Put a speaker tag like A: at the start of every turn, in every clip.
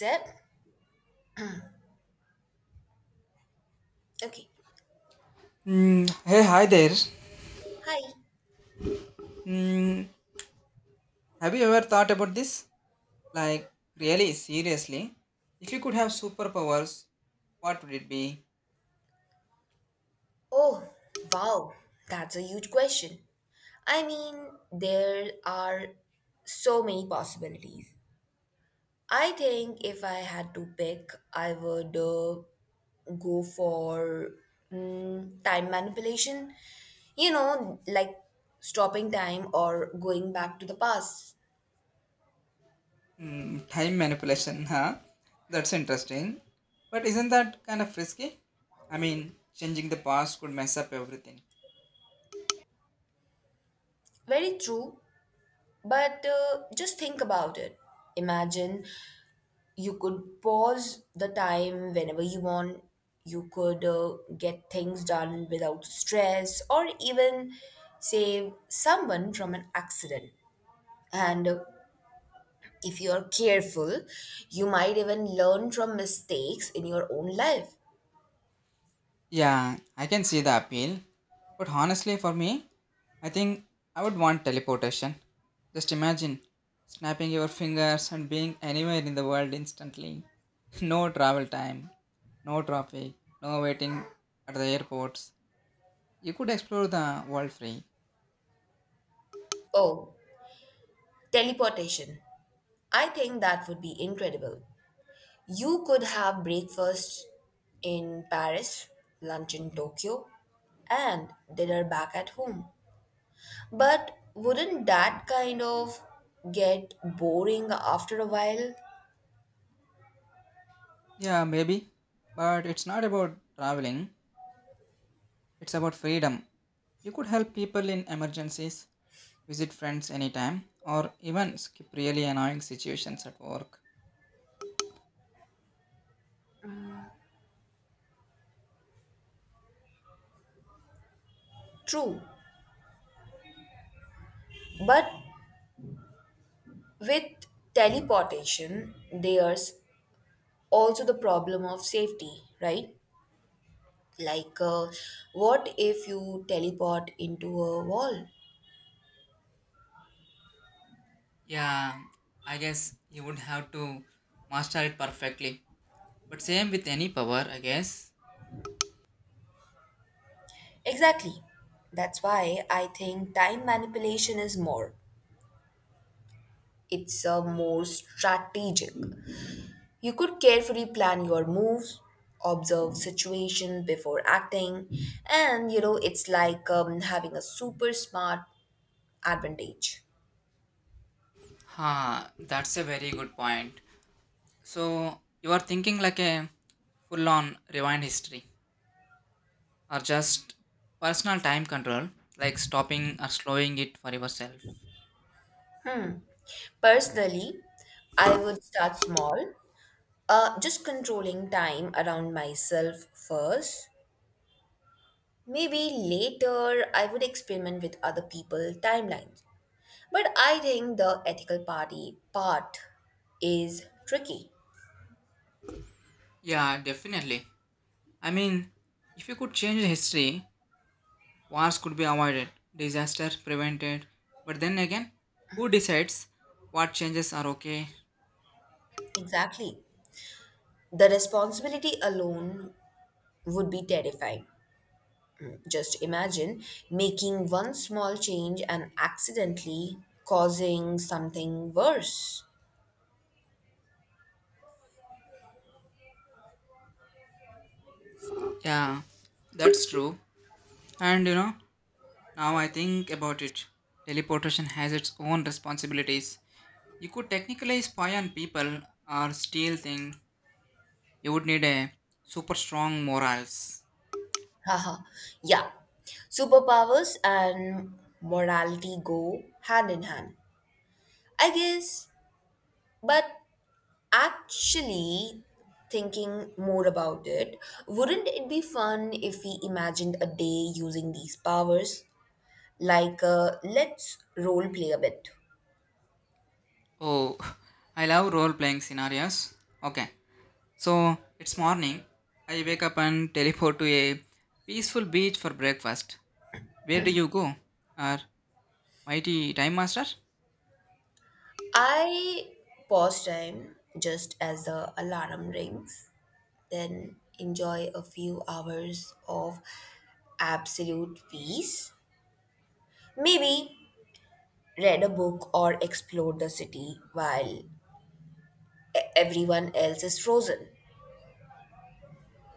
A: Deb? Okay.
B: Hey, hi there.
A: Hi.
B: Mm, have you ever thought about this? Like, really, seriously? If you could have superpowers, what would it be?
A: Oh, wow. That's a huge question. I mean, there are so many possibilities. I think if I had to pick, I would go for time manipulation. You know, like stopping time or going back to the past.
B: Time manipulation, huh? That's interesting. But isn't that kind of risky? I mean, changing the past could mess up everything.
A: Very true, but just think about it. Imagine you could pause the time whenever you want, you could get things done without stress, or even save someone from an accident, and if you're careful you might even learn from mistakes in your own life.
B: Yeah, I can see the appeal. But honestly, for me, I think I would want teleportation. Just imagine snapping your fingers and being anywhere in the world instantly. No travel time, no traffic, no waiting at the airports. You could explore the world free.
A: Oh, teleportation, I think that would be incredible. You could have breakfast in Paris, lunch in Tokyo, and dinner back at home. But wouldn't that kind of get boring after a while?
B: Yeah, maybe. But it's not about traveling, it's about freedom. You could help people in emergencies, visit friends anytime, or even skip really annoying situations at work.
A: True. But with teleportation, there's also the problem of safety, right? Like, what if you teleport into a wall?
B: Yeah, I guess you would have to master it perfectly. But same with any power, I guess.
A: Exactly. That's why I think time manipulation is more. It's a more strategic. You could carefully plan your moves, observe situation before acting, and you know it's like having a super smart advantage.
B: Ha, that's a very good point. So you are thinking like a full-on rewind history, or just personal time control, like stopping or slowing it for yourself.
A: Personally, I would start small, just controlling time around myself first. Maybe later I would experiment with other people timelines. But I think the ethical party part is tricky.
B: Yeah, definitely. I mean, if you could change the history, wars could be avoided, disaster prevented. But then again, who decides what changes are okay.
A: Exactly. The responsibility alone would be terrifying. Just imagine making one small change and accidentally causing something worse.
B: Yeah, that's true. And you know, now I think about it, teleportation has its own responsibilities. You could technically spy on people or steal things. You would need a super strong morals.
A: Haha, yeah. Superpowers and morality go hand in hand. I guess, but actually, thinking more about it, wouldn't it be fun if we imagined a day using these powers? Let's role play a bit.
B: Oh, I love role playing scenarios. Okay, so it's morning. I wake up and teleport to a peaceful beach for breakfast. Where do you go? Or mighty time master?
A: I pause time just as the alarm rings, then enjoy a few hours of absolute peace. Maybe read a book or explore the city while everyone else is frozen.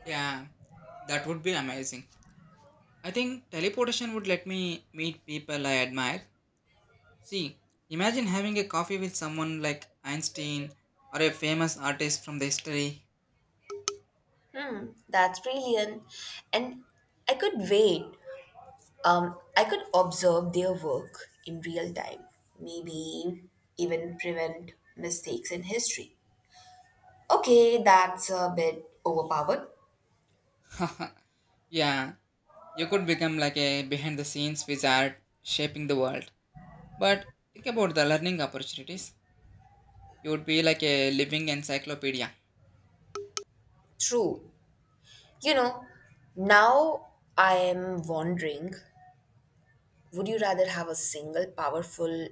B: Yeah, that would be amazing. I think teleportation would let me meet people I admire. See, imagine having a coffee with someone like Einstein or a famous artist from the history.
A: Hmm, that's brilliant. And I could wait. I could observe their work in real time. Maybe even prevent mistakes in history. Okay, that's a bit overpowered.
B: Yeah, you could become like a behind the scenes wizard shaping the world. But think about the learning opportunities. You would be like a living encyclopedia.
A: True. You know, now I am wondering, would you rather have a single powerful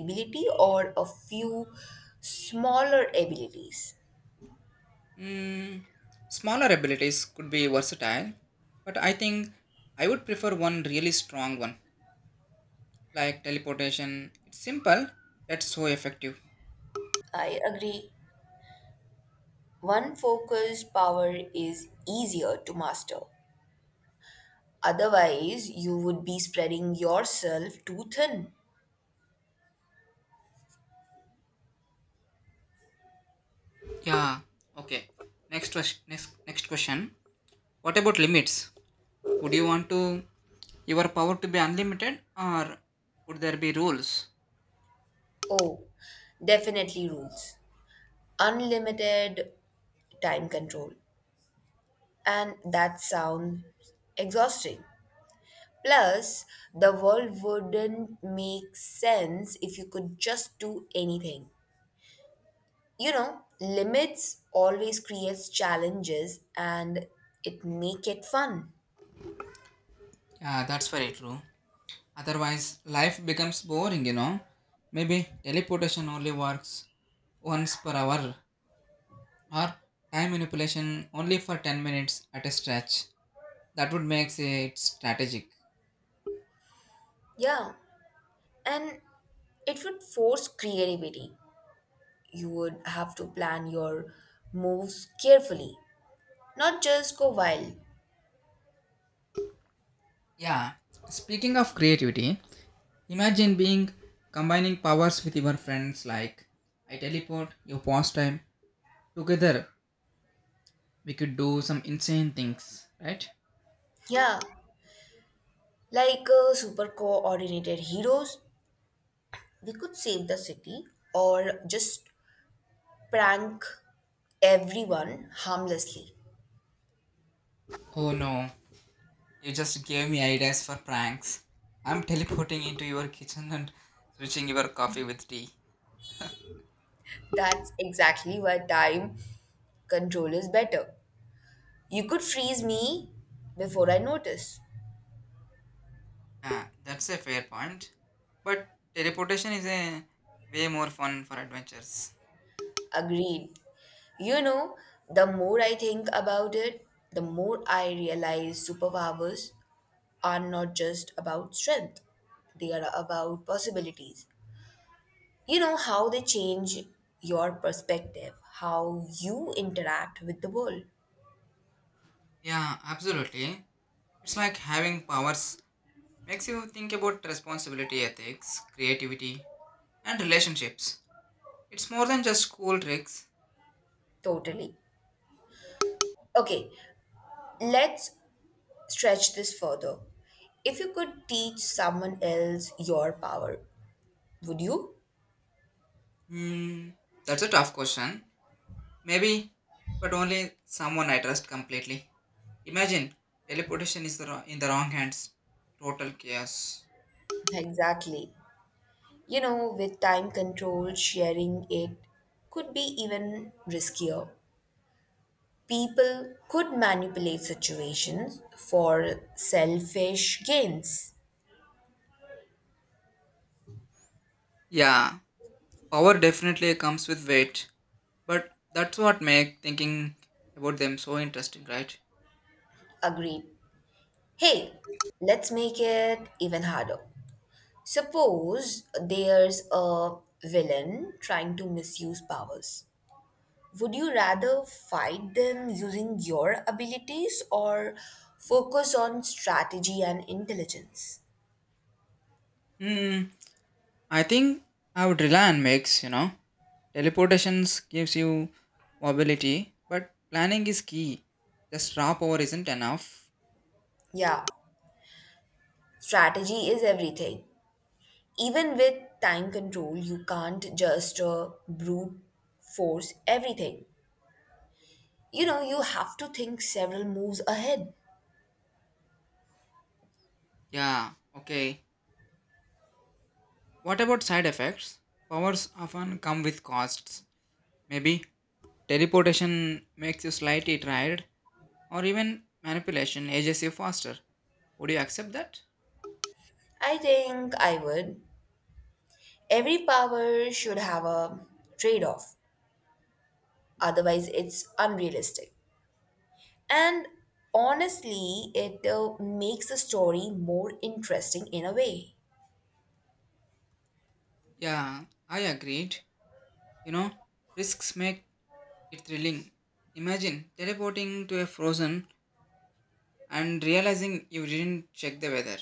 A: ability or a few smaller abilities?
B: Mm, Smaller abilities could be versatile, but I think I would prefer one really strong one, like teleportation. It's simple, that's so effective.
A: I agree. One focused power is easier to master. Otherwise, you would be spreading yourself too thin.
B: Yeah. Okay. Next question. Next question. What about limits? Would you want to your power to be unlimited, or would there be rules?
A: Oh, definitely rules. Unlimited time control, and that sounds exhausting. Plus, the world wouldn't make sense if you could just do anything. You know, limits always creates challenges and it make it fun.
B: Yeah, that's very true. Otherwise, life becomes boring. You know. Maybe teleportation only works once per hour, or time manipulation only for 10 minutes at a stretch. That would make it strategic.
A: Yeah, and it would force creativity. You would have to plan your moves carefully, not just go wild.
B: Yeah. Speaking of creativity, imagine being combining powers with your friends like I teleport, you pause time. Together we could do some insane things, right?
A: Yeah, like super coordinated heroes. We could save the city or just prank everyone harmlessly.
B: Oh no, you just gave me ideas for pranks. I'm teleporting into your kitchen and switching your coffee with tea.
A: That's exactly why time control is better. You could freeze me before I notice.
B: Ah, that's a fair point. But teleportation is a way more fun for adventures.
A: Agreed. You know, the more I think about it, the more I realize superpowers are not just about strength, they are about possibilities. You know how they change your perspective, how you interact with the world.
B: Yeah, absolutely. It's like having powers makes you think about responsibility, ethics, creativity, and relationships. It's more than just cool tricks.
A: Totally. Okay, let's stretch this further. If you could teach someone else your power, would you?
B: Hmm, that's a tough question. Maybe, but only someone I trust completely. Imagine teleportation is the wrong, in the wrong hands. Total chaos.
A: Exactly. You know, with time control, sharing it could be even riskier. People could manipulate situations for selfish gains.
B: Yeah, power definitely comes with weight, but that's what makes thinking about them so interesting, right?
A: Agreed. Hey, let's make it even harder. Suppose there's a villain trying to misuse powers. Would you rather fight them using your abilities or focus on strategy and intelligence?
B: Hmm, I think I would rely on mix, you know. Teleportations gives you mobility, but planning is key. Just raw power isn't enough.
A: Yeah, strategy is everything. Even with time control, you can't just brute force everything. You know, you have to think several moves ahead.
B: Yeah, okay. What about side effects? Powers often come with costs. Maybe teleportation makes you slightly tired, or even manipulation ages you faster. Would you accept that?
A: I think I would. Every power should have a trade off, otherwise, it's unrealistic. And honestly, it makes a story more interesting in a way,
B: Yeah, I agreed. You know, risks make it thrilling. Imagine teleporting to a frozen and realizing you didn't check the weather.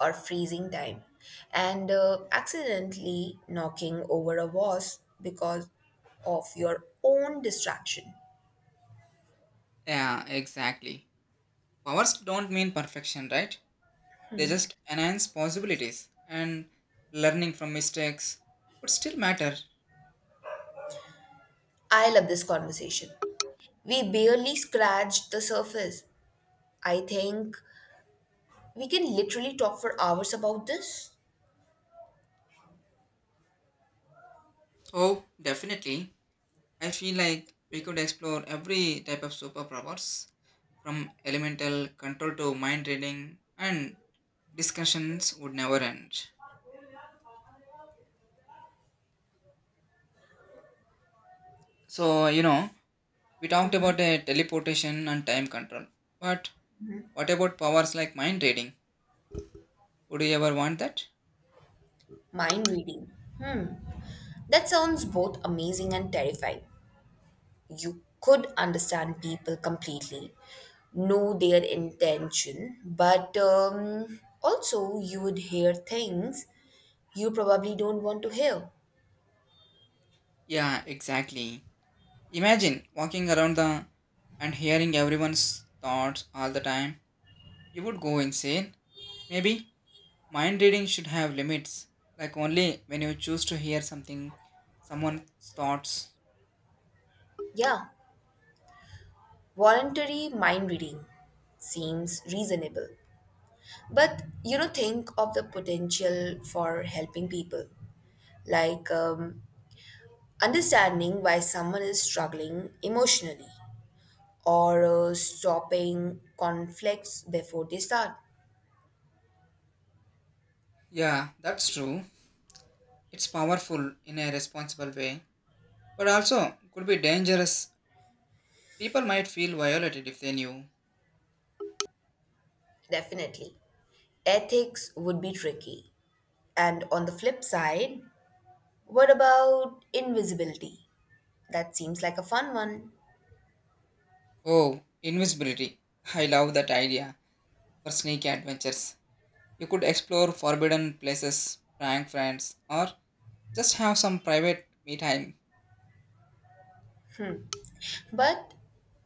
A: or freezing time, and accidentally knocking over a vase because of your own distraction.
B: Yeah, exactly. Powers don't mean perfection, right? They just enhance possibilities and learning from mistakes would still matter.
A: I love this conversation. We barely scratched the surface. I think we can literally talk for hours about this.
B: So definitely, I feel like we could explore every type of superpowers from elemental control to mind reading and discussions would never end. So, you know, we talked about teleportation and time control. But what about powers like mind reading? Would you ever want that?
A: Mind reading. Hmm. That sounds both amazing and terrifying. You could understand people completely, know their intention, but also you would hear things you probably don't want to hear.
B: Yeah, exactly. Imagine walking around the and hearing everyone's thoughts all the time. You would go insane. Maybe mind reading should have limits, like only when you choose to hear something, someone's thoughts.
A: Yeah, voluntary mind reading seems reasonable. But you know, think of the potential for helping people, like understanding why someone is struggling emotionally or stopping conflicts before they start.
B: Yeah, that's true. It's powerful in a responsible way, but also could be dangerous. People might feel violated if they knew.
A: Definitely. Ethics would be tricky. And on the flip side, what about invisibility? That seems like a fun one,
B: Oh, invisibility. I love that idea for sneaky adventures. You could explore forbidden places, prank friends, or just have some private me time.
A: but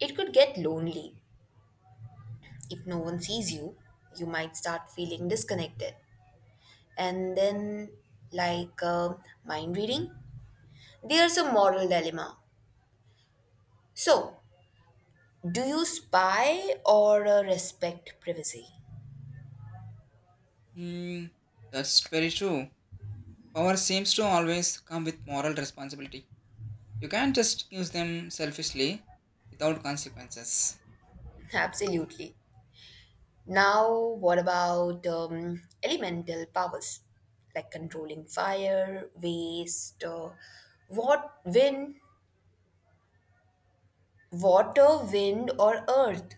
A: it could get lonely. If no one sees you, you might start feeling disconnected. And then, like mind reading, there's a moral dilemma. So, do you spy or respect privacy?
B: Hmm, that's very true. Power seems to always come with moral responsibility. You can't just use them selfishly without consequences.
A: Absolutely. Now, what about elemental powers like controlling fire, waste, what wind, water, wind, or earth?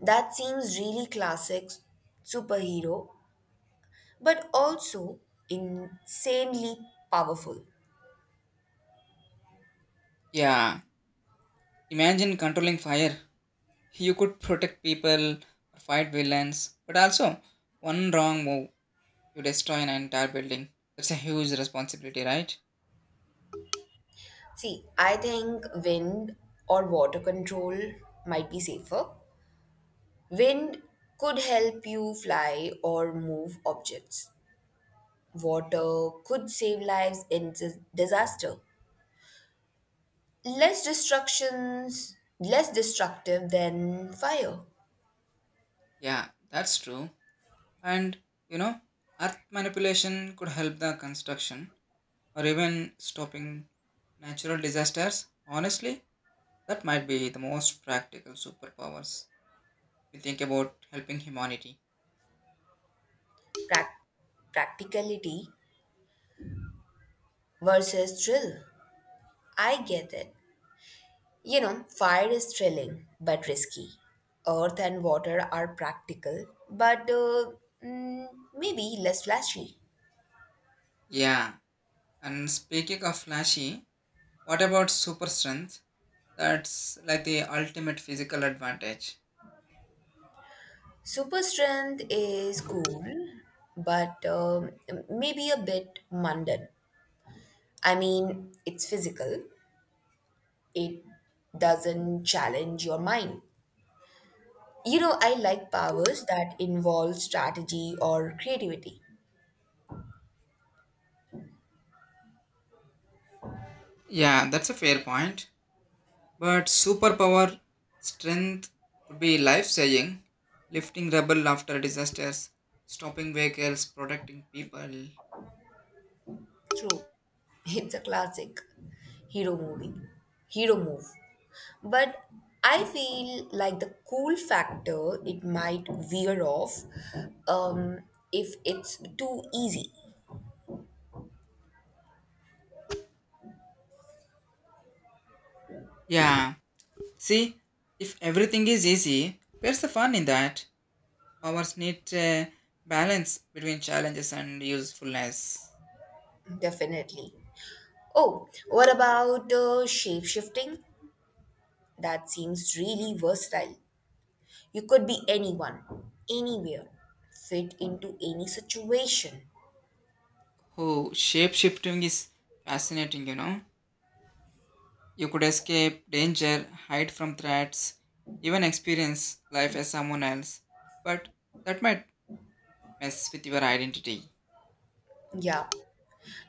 A: That seems really classic superhero, but also insanely powerful.
B: Yeah, imagine controlling fire. You could protect people or fight villains, but also one wrong move, you destroy an entire building. That's a huge responsibility, right?
A: See, I think wind or water control might be safer. Wind could help you fly or move objects. Water could save lives in disaster. Less destructions, less destructive than fire.
B: Yeah, that's true. And you know, earth manipulation could help the construction or even stopping natural disasters? Honestly, that might be the most practical superpowers. We think about helping humanity.
A: Prac- Practicality versus thrill. I get it. You know, fire is thrilling but risky. Earth and water are practical but mm, maybe less flashy.
B: Yeah, and speaking of flashy, what about super strength? That's like the ultimate physical advantage.
A: Super strength is cool but maybe a bit mundane. I mean, it's physical, it doesn't challenge your mind. You know, I like powers that involve strategy or creativity.
B: Yeah, that's a fair point. But superpower strength could be life saving, lifting rubble after disasters, stopping vehicles, protecting people.
A: True. It's a classic hero movie. Hero move. But I feel like the cool factor it might veer off um, if it's too easy.
B: Yeah, see, if everything is easy, where's the fun in that? Powers need a balance between challenges and usefulness.
A: Definitely. Oh, what about shape shifting? That seems really versatile. You could be anyone, anywhere, fit into any situation.
B: Oh, shape shifting is fascinating, you know. You could escape danger, hide from threats, even experience life as someone else. But that might mess with your identity.
A: Yeah,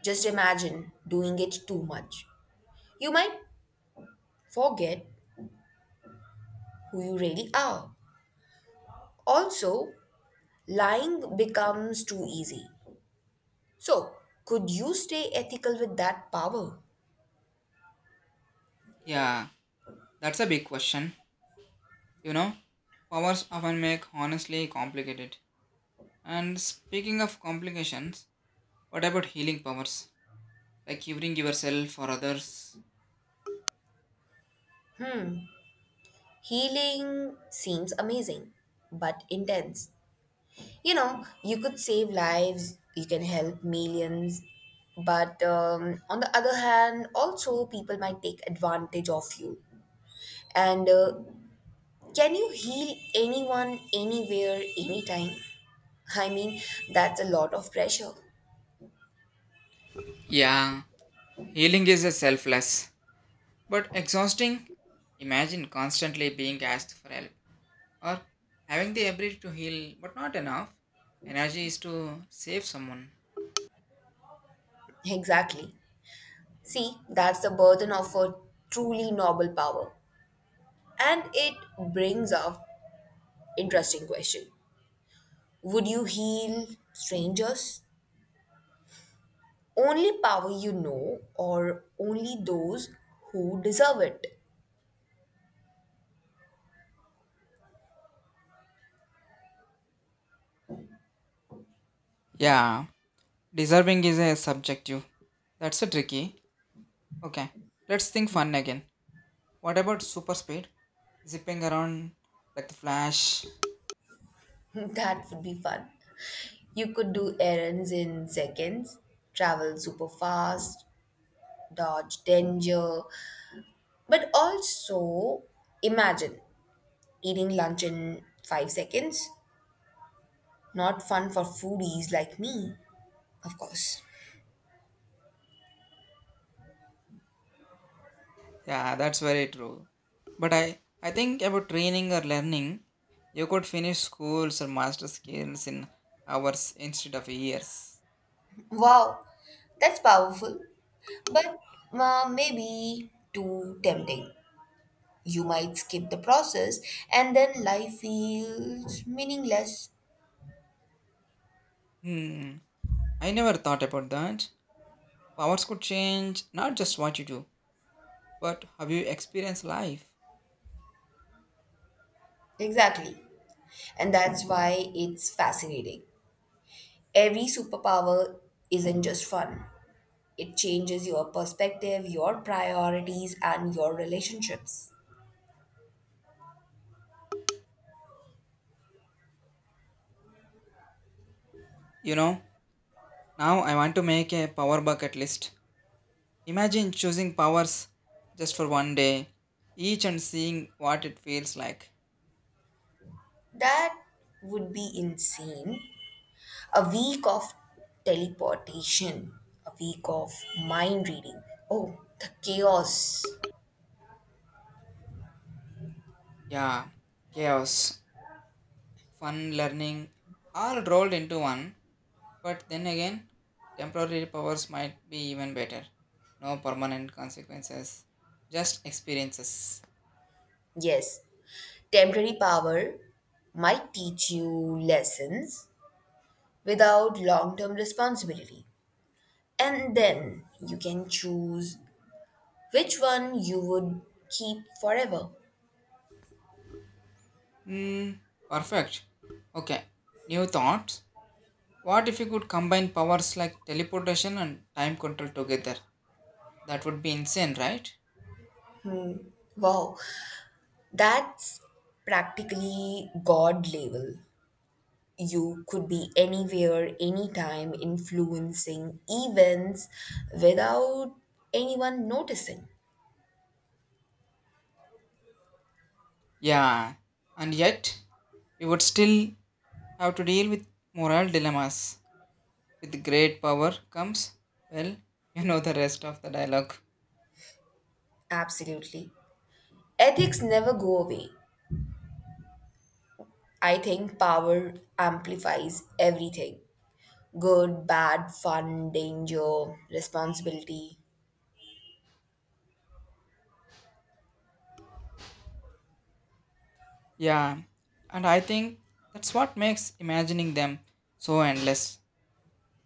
A: just imagine doing it too much. You might forget who you really are. Also, lying becomes too easy. So, could you stay ethical with that power?
B: Yeah, that's a big question. You know, powers often make honestly complicated. And speaking of complications, what about healing powers? Like curing yourself or others?
A: Healing seems amazing, but intense. You know, you could save lives, you can help millions, but on the other hand, also people might take advantage of you. And can you heal anyone, anywhere, anytime? I mean, that's a lot of pressure.
B: Yeah, healing is a selfless. But exhausting? Imagine constantly being asked for help or having the ability to heal but not enough energy is to save someone.
A: Exactly. See, that's the burden of a truly noble power. And it brings up interesting question. Would you heal strangers? Only power you know, or only those who deserve it.
B: Yeah, deserving is a subjective. That's a tricky. Okay, let's think fun again. What about super speed? Zipping around like the flash.
A: That would be fun. You could do errands in seconds, travel super fast, dodge danger, but also imagine eating lunch in 5 seconds. Not fun for foodies like me, of course.
B: Yeah, that's very true. But I think about training or learning, you could finish schools or master skills in hours instead of years.
A: Wow, that's powerful, but maybe too tempting. You might skip the process and then life feels meaningless.
B: Hmm. I never thought about that. Powers could change not just what you do, but how you experience life.
A: Exactly. And that's why it's fascinating. Every superpower isn't just fun, it changes your perspective, your priorities, and your relationships.
B: You know, now I want to make a power bucket list. Imagine choosing powers just for one day, each and seeing what it feels like.
A: That would be insane. A week of teleportation, a week of mind reading. Oh, the chaos.
B: Yeah, chaos, fun, learning, all rolled into one. But then again, temporary powers might be even better. No permanent consequences, just experiences.
A: Yes, temporary power might teach you lessons without long term responsibility. And then you can choose which one you would keep forever.
B: Hmm, perfect. Okay. New thoughts. What if you could combine powers like teleportation and time control together? That would be insane, right?
A: Wow, that's practically God level. You could be anywhere, anytime, influencing events without anyone noticing.
B: Yeah. And yet, we would still have to deal with moral dilemmas. With great power comes, well, you know the rest of the dialogue.
A: Absolutely. Ethics never go away. I think power amplifies everything, good, bad, fun, danger, responsibility.
B: Yeah. And I think that's what makes imagining them so endless.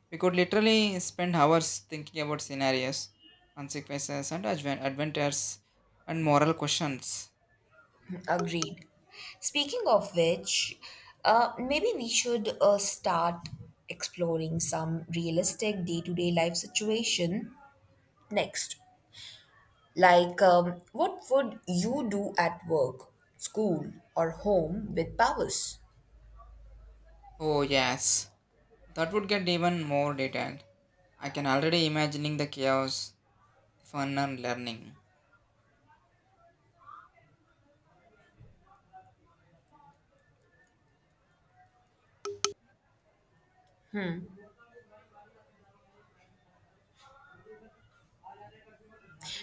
B: We could literally spend hours thinking about scenarios, consequences, and adventures and moral questions.
A: Agreed. Speaking of which, maybe we should start exploring some realistic day to day life situation next. What would you do at work, school, or home with powers?
B: Oh, yes, that would get even more detailed. I can already imagining the chaos, fun, and learning.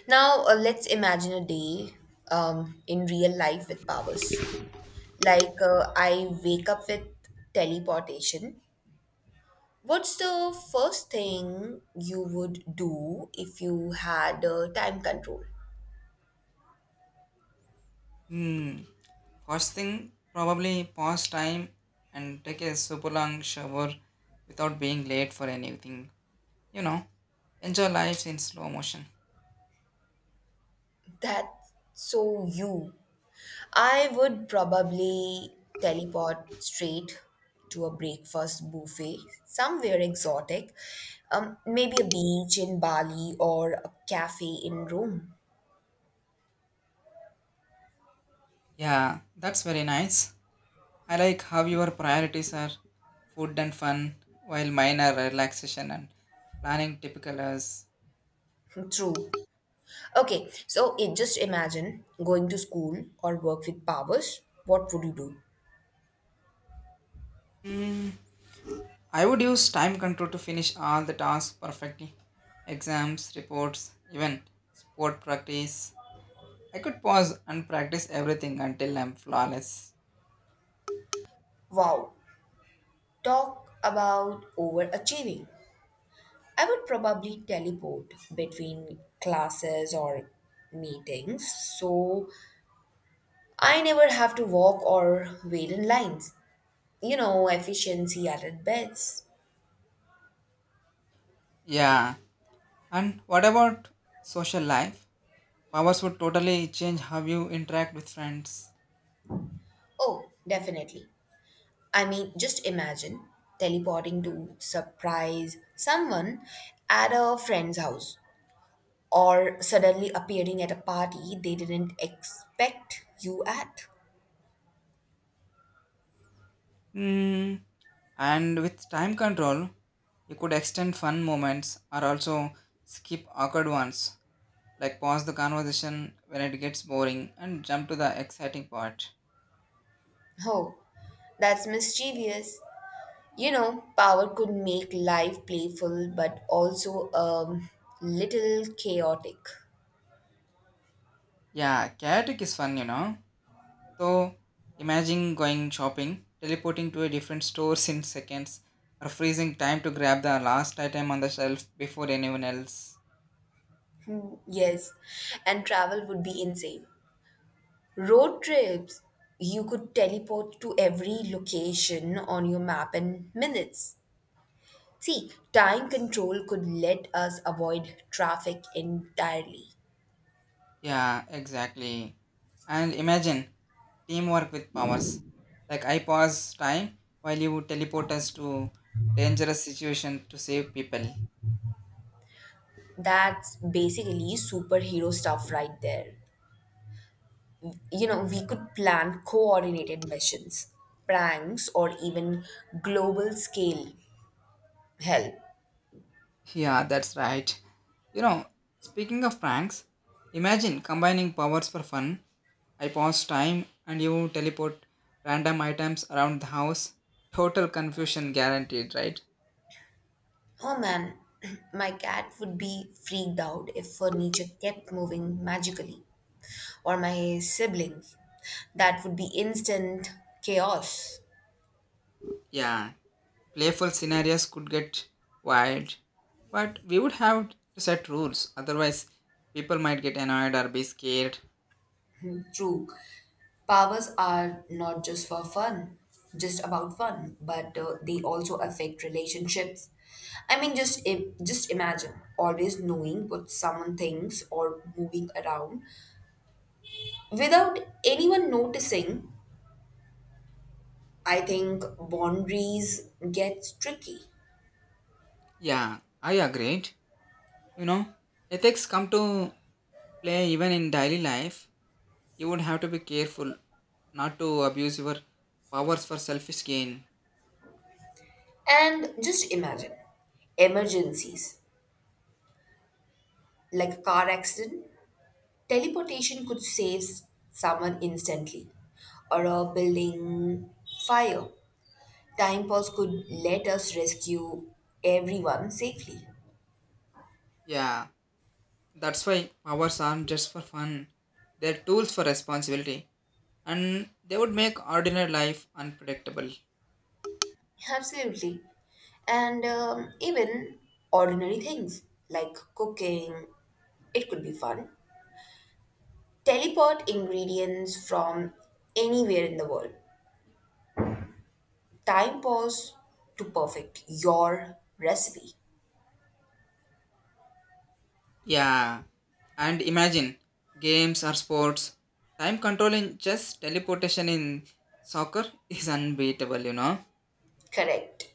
A: Now, let's imagine a day in real life with powers. I wake up with teleportation. What's the first thing you would do if you had time control?
B: Hmm. First thing, probably pause time and take a super long shower without being late for anything. You know, enjoy life in slow motion.
A: That's so you. I would probably teleport straight to a breakfast buffet somewhere exotic, maybe a beach in Bali or a cafe in Rome.
B: Yeah, that's very nice. I like how your priorities are food and fun, while mine are relaxation and planning typical as.
A: True. Okay, so it just imagine going to school or work with powers. What would you do?
B: I would use time control to finish all the tasks perfectly exams, reports, even sport practice. I could pause and practice everything until I'm flawless.
A: Wow, talk about overachieving. I would probably teleport between classes or meetings so I never have to walk or wait in lines. You know, efficiency at its best.
B: Yeah. And what about social life? Powers would totally change how you interact with friends.
A: Oh, definitely. I mean, just imagine teleporting to surprise someone at a friend's house or suddenly appearing at a party they didn't expect you at.
B: Mm, and with time control, you could extend fun moments or also skip awkward ones, like pause the conversation when it gets boring and jump to the exciting part.
A: Oh, that's mischievous. You know, power could make life playful but also a little chaotic.
B: Yeah, chaotic is fun, you know. So imagine going shopping, teleporting to a different store in seconds, or freezing time to grab the last item on the shelf before anyone else.
A: Hmm, yes, and travel would be insane. Road trips, you could teleport to every location on your map in minutes. See, time control could let us avoid traffic entirely.
B: Yeah, exactly. And imagine teamwork with powers. Like I pause time while you teleport us to dangerous situation to save people.
A: That's basically superhero stuff right there. You know, we could plan coordinated missions, pranks, or even global scale help.
B: Yeah, that's right. You know, speaking of pranks, imagine combining powers for fun. I pause time and you teleport random items around the house. Total confusion guaranteed, right?
A: Oh man, my cat would be freaked out if furniture kept moving magically, or my siblings. That would be instant chaos.
B: Yeah, playful scenarios could get wild, but we would have to set rules, otherwise, people might get annoyed or be scared.
A: True. Powers are not just for fun, just about fun, but they also affect relationships. I mean, just imagine always knowing what someone thinks or moving around without anyone noticing. I think boundaries get tricky,
B: Yeah, I agreed. You know, ethics come to play even in daily life. You would have to be careful not to abuse your powers for selfish gain.
A: and just imagine emergencies like a car accident. Teleportation could save someone instantly, or a building fire. Time pause could let us rescue everyone safely.
B: Yeah, that's why powers aren't just for fun, they're tools for responsibility, and they would make ordinary life unpredictable.
A: Absolutely. And even ordinary things like cooking, it could be fun. Teleport ingredients from anywhere in the world. Time pause to perfect your recipe.
B: Yeah, and imagine games or sports. Time control in just teleportation in soccer is unbeatable, you know.
A: Correct.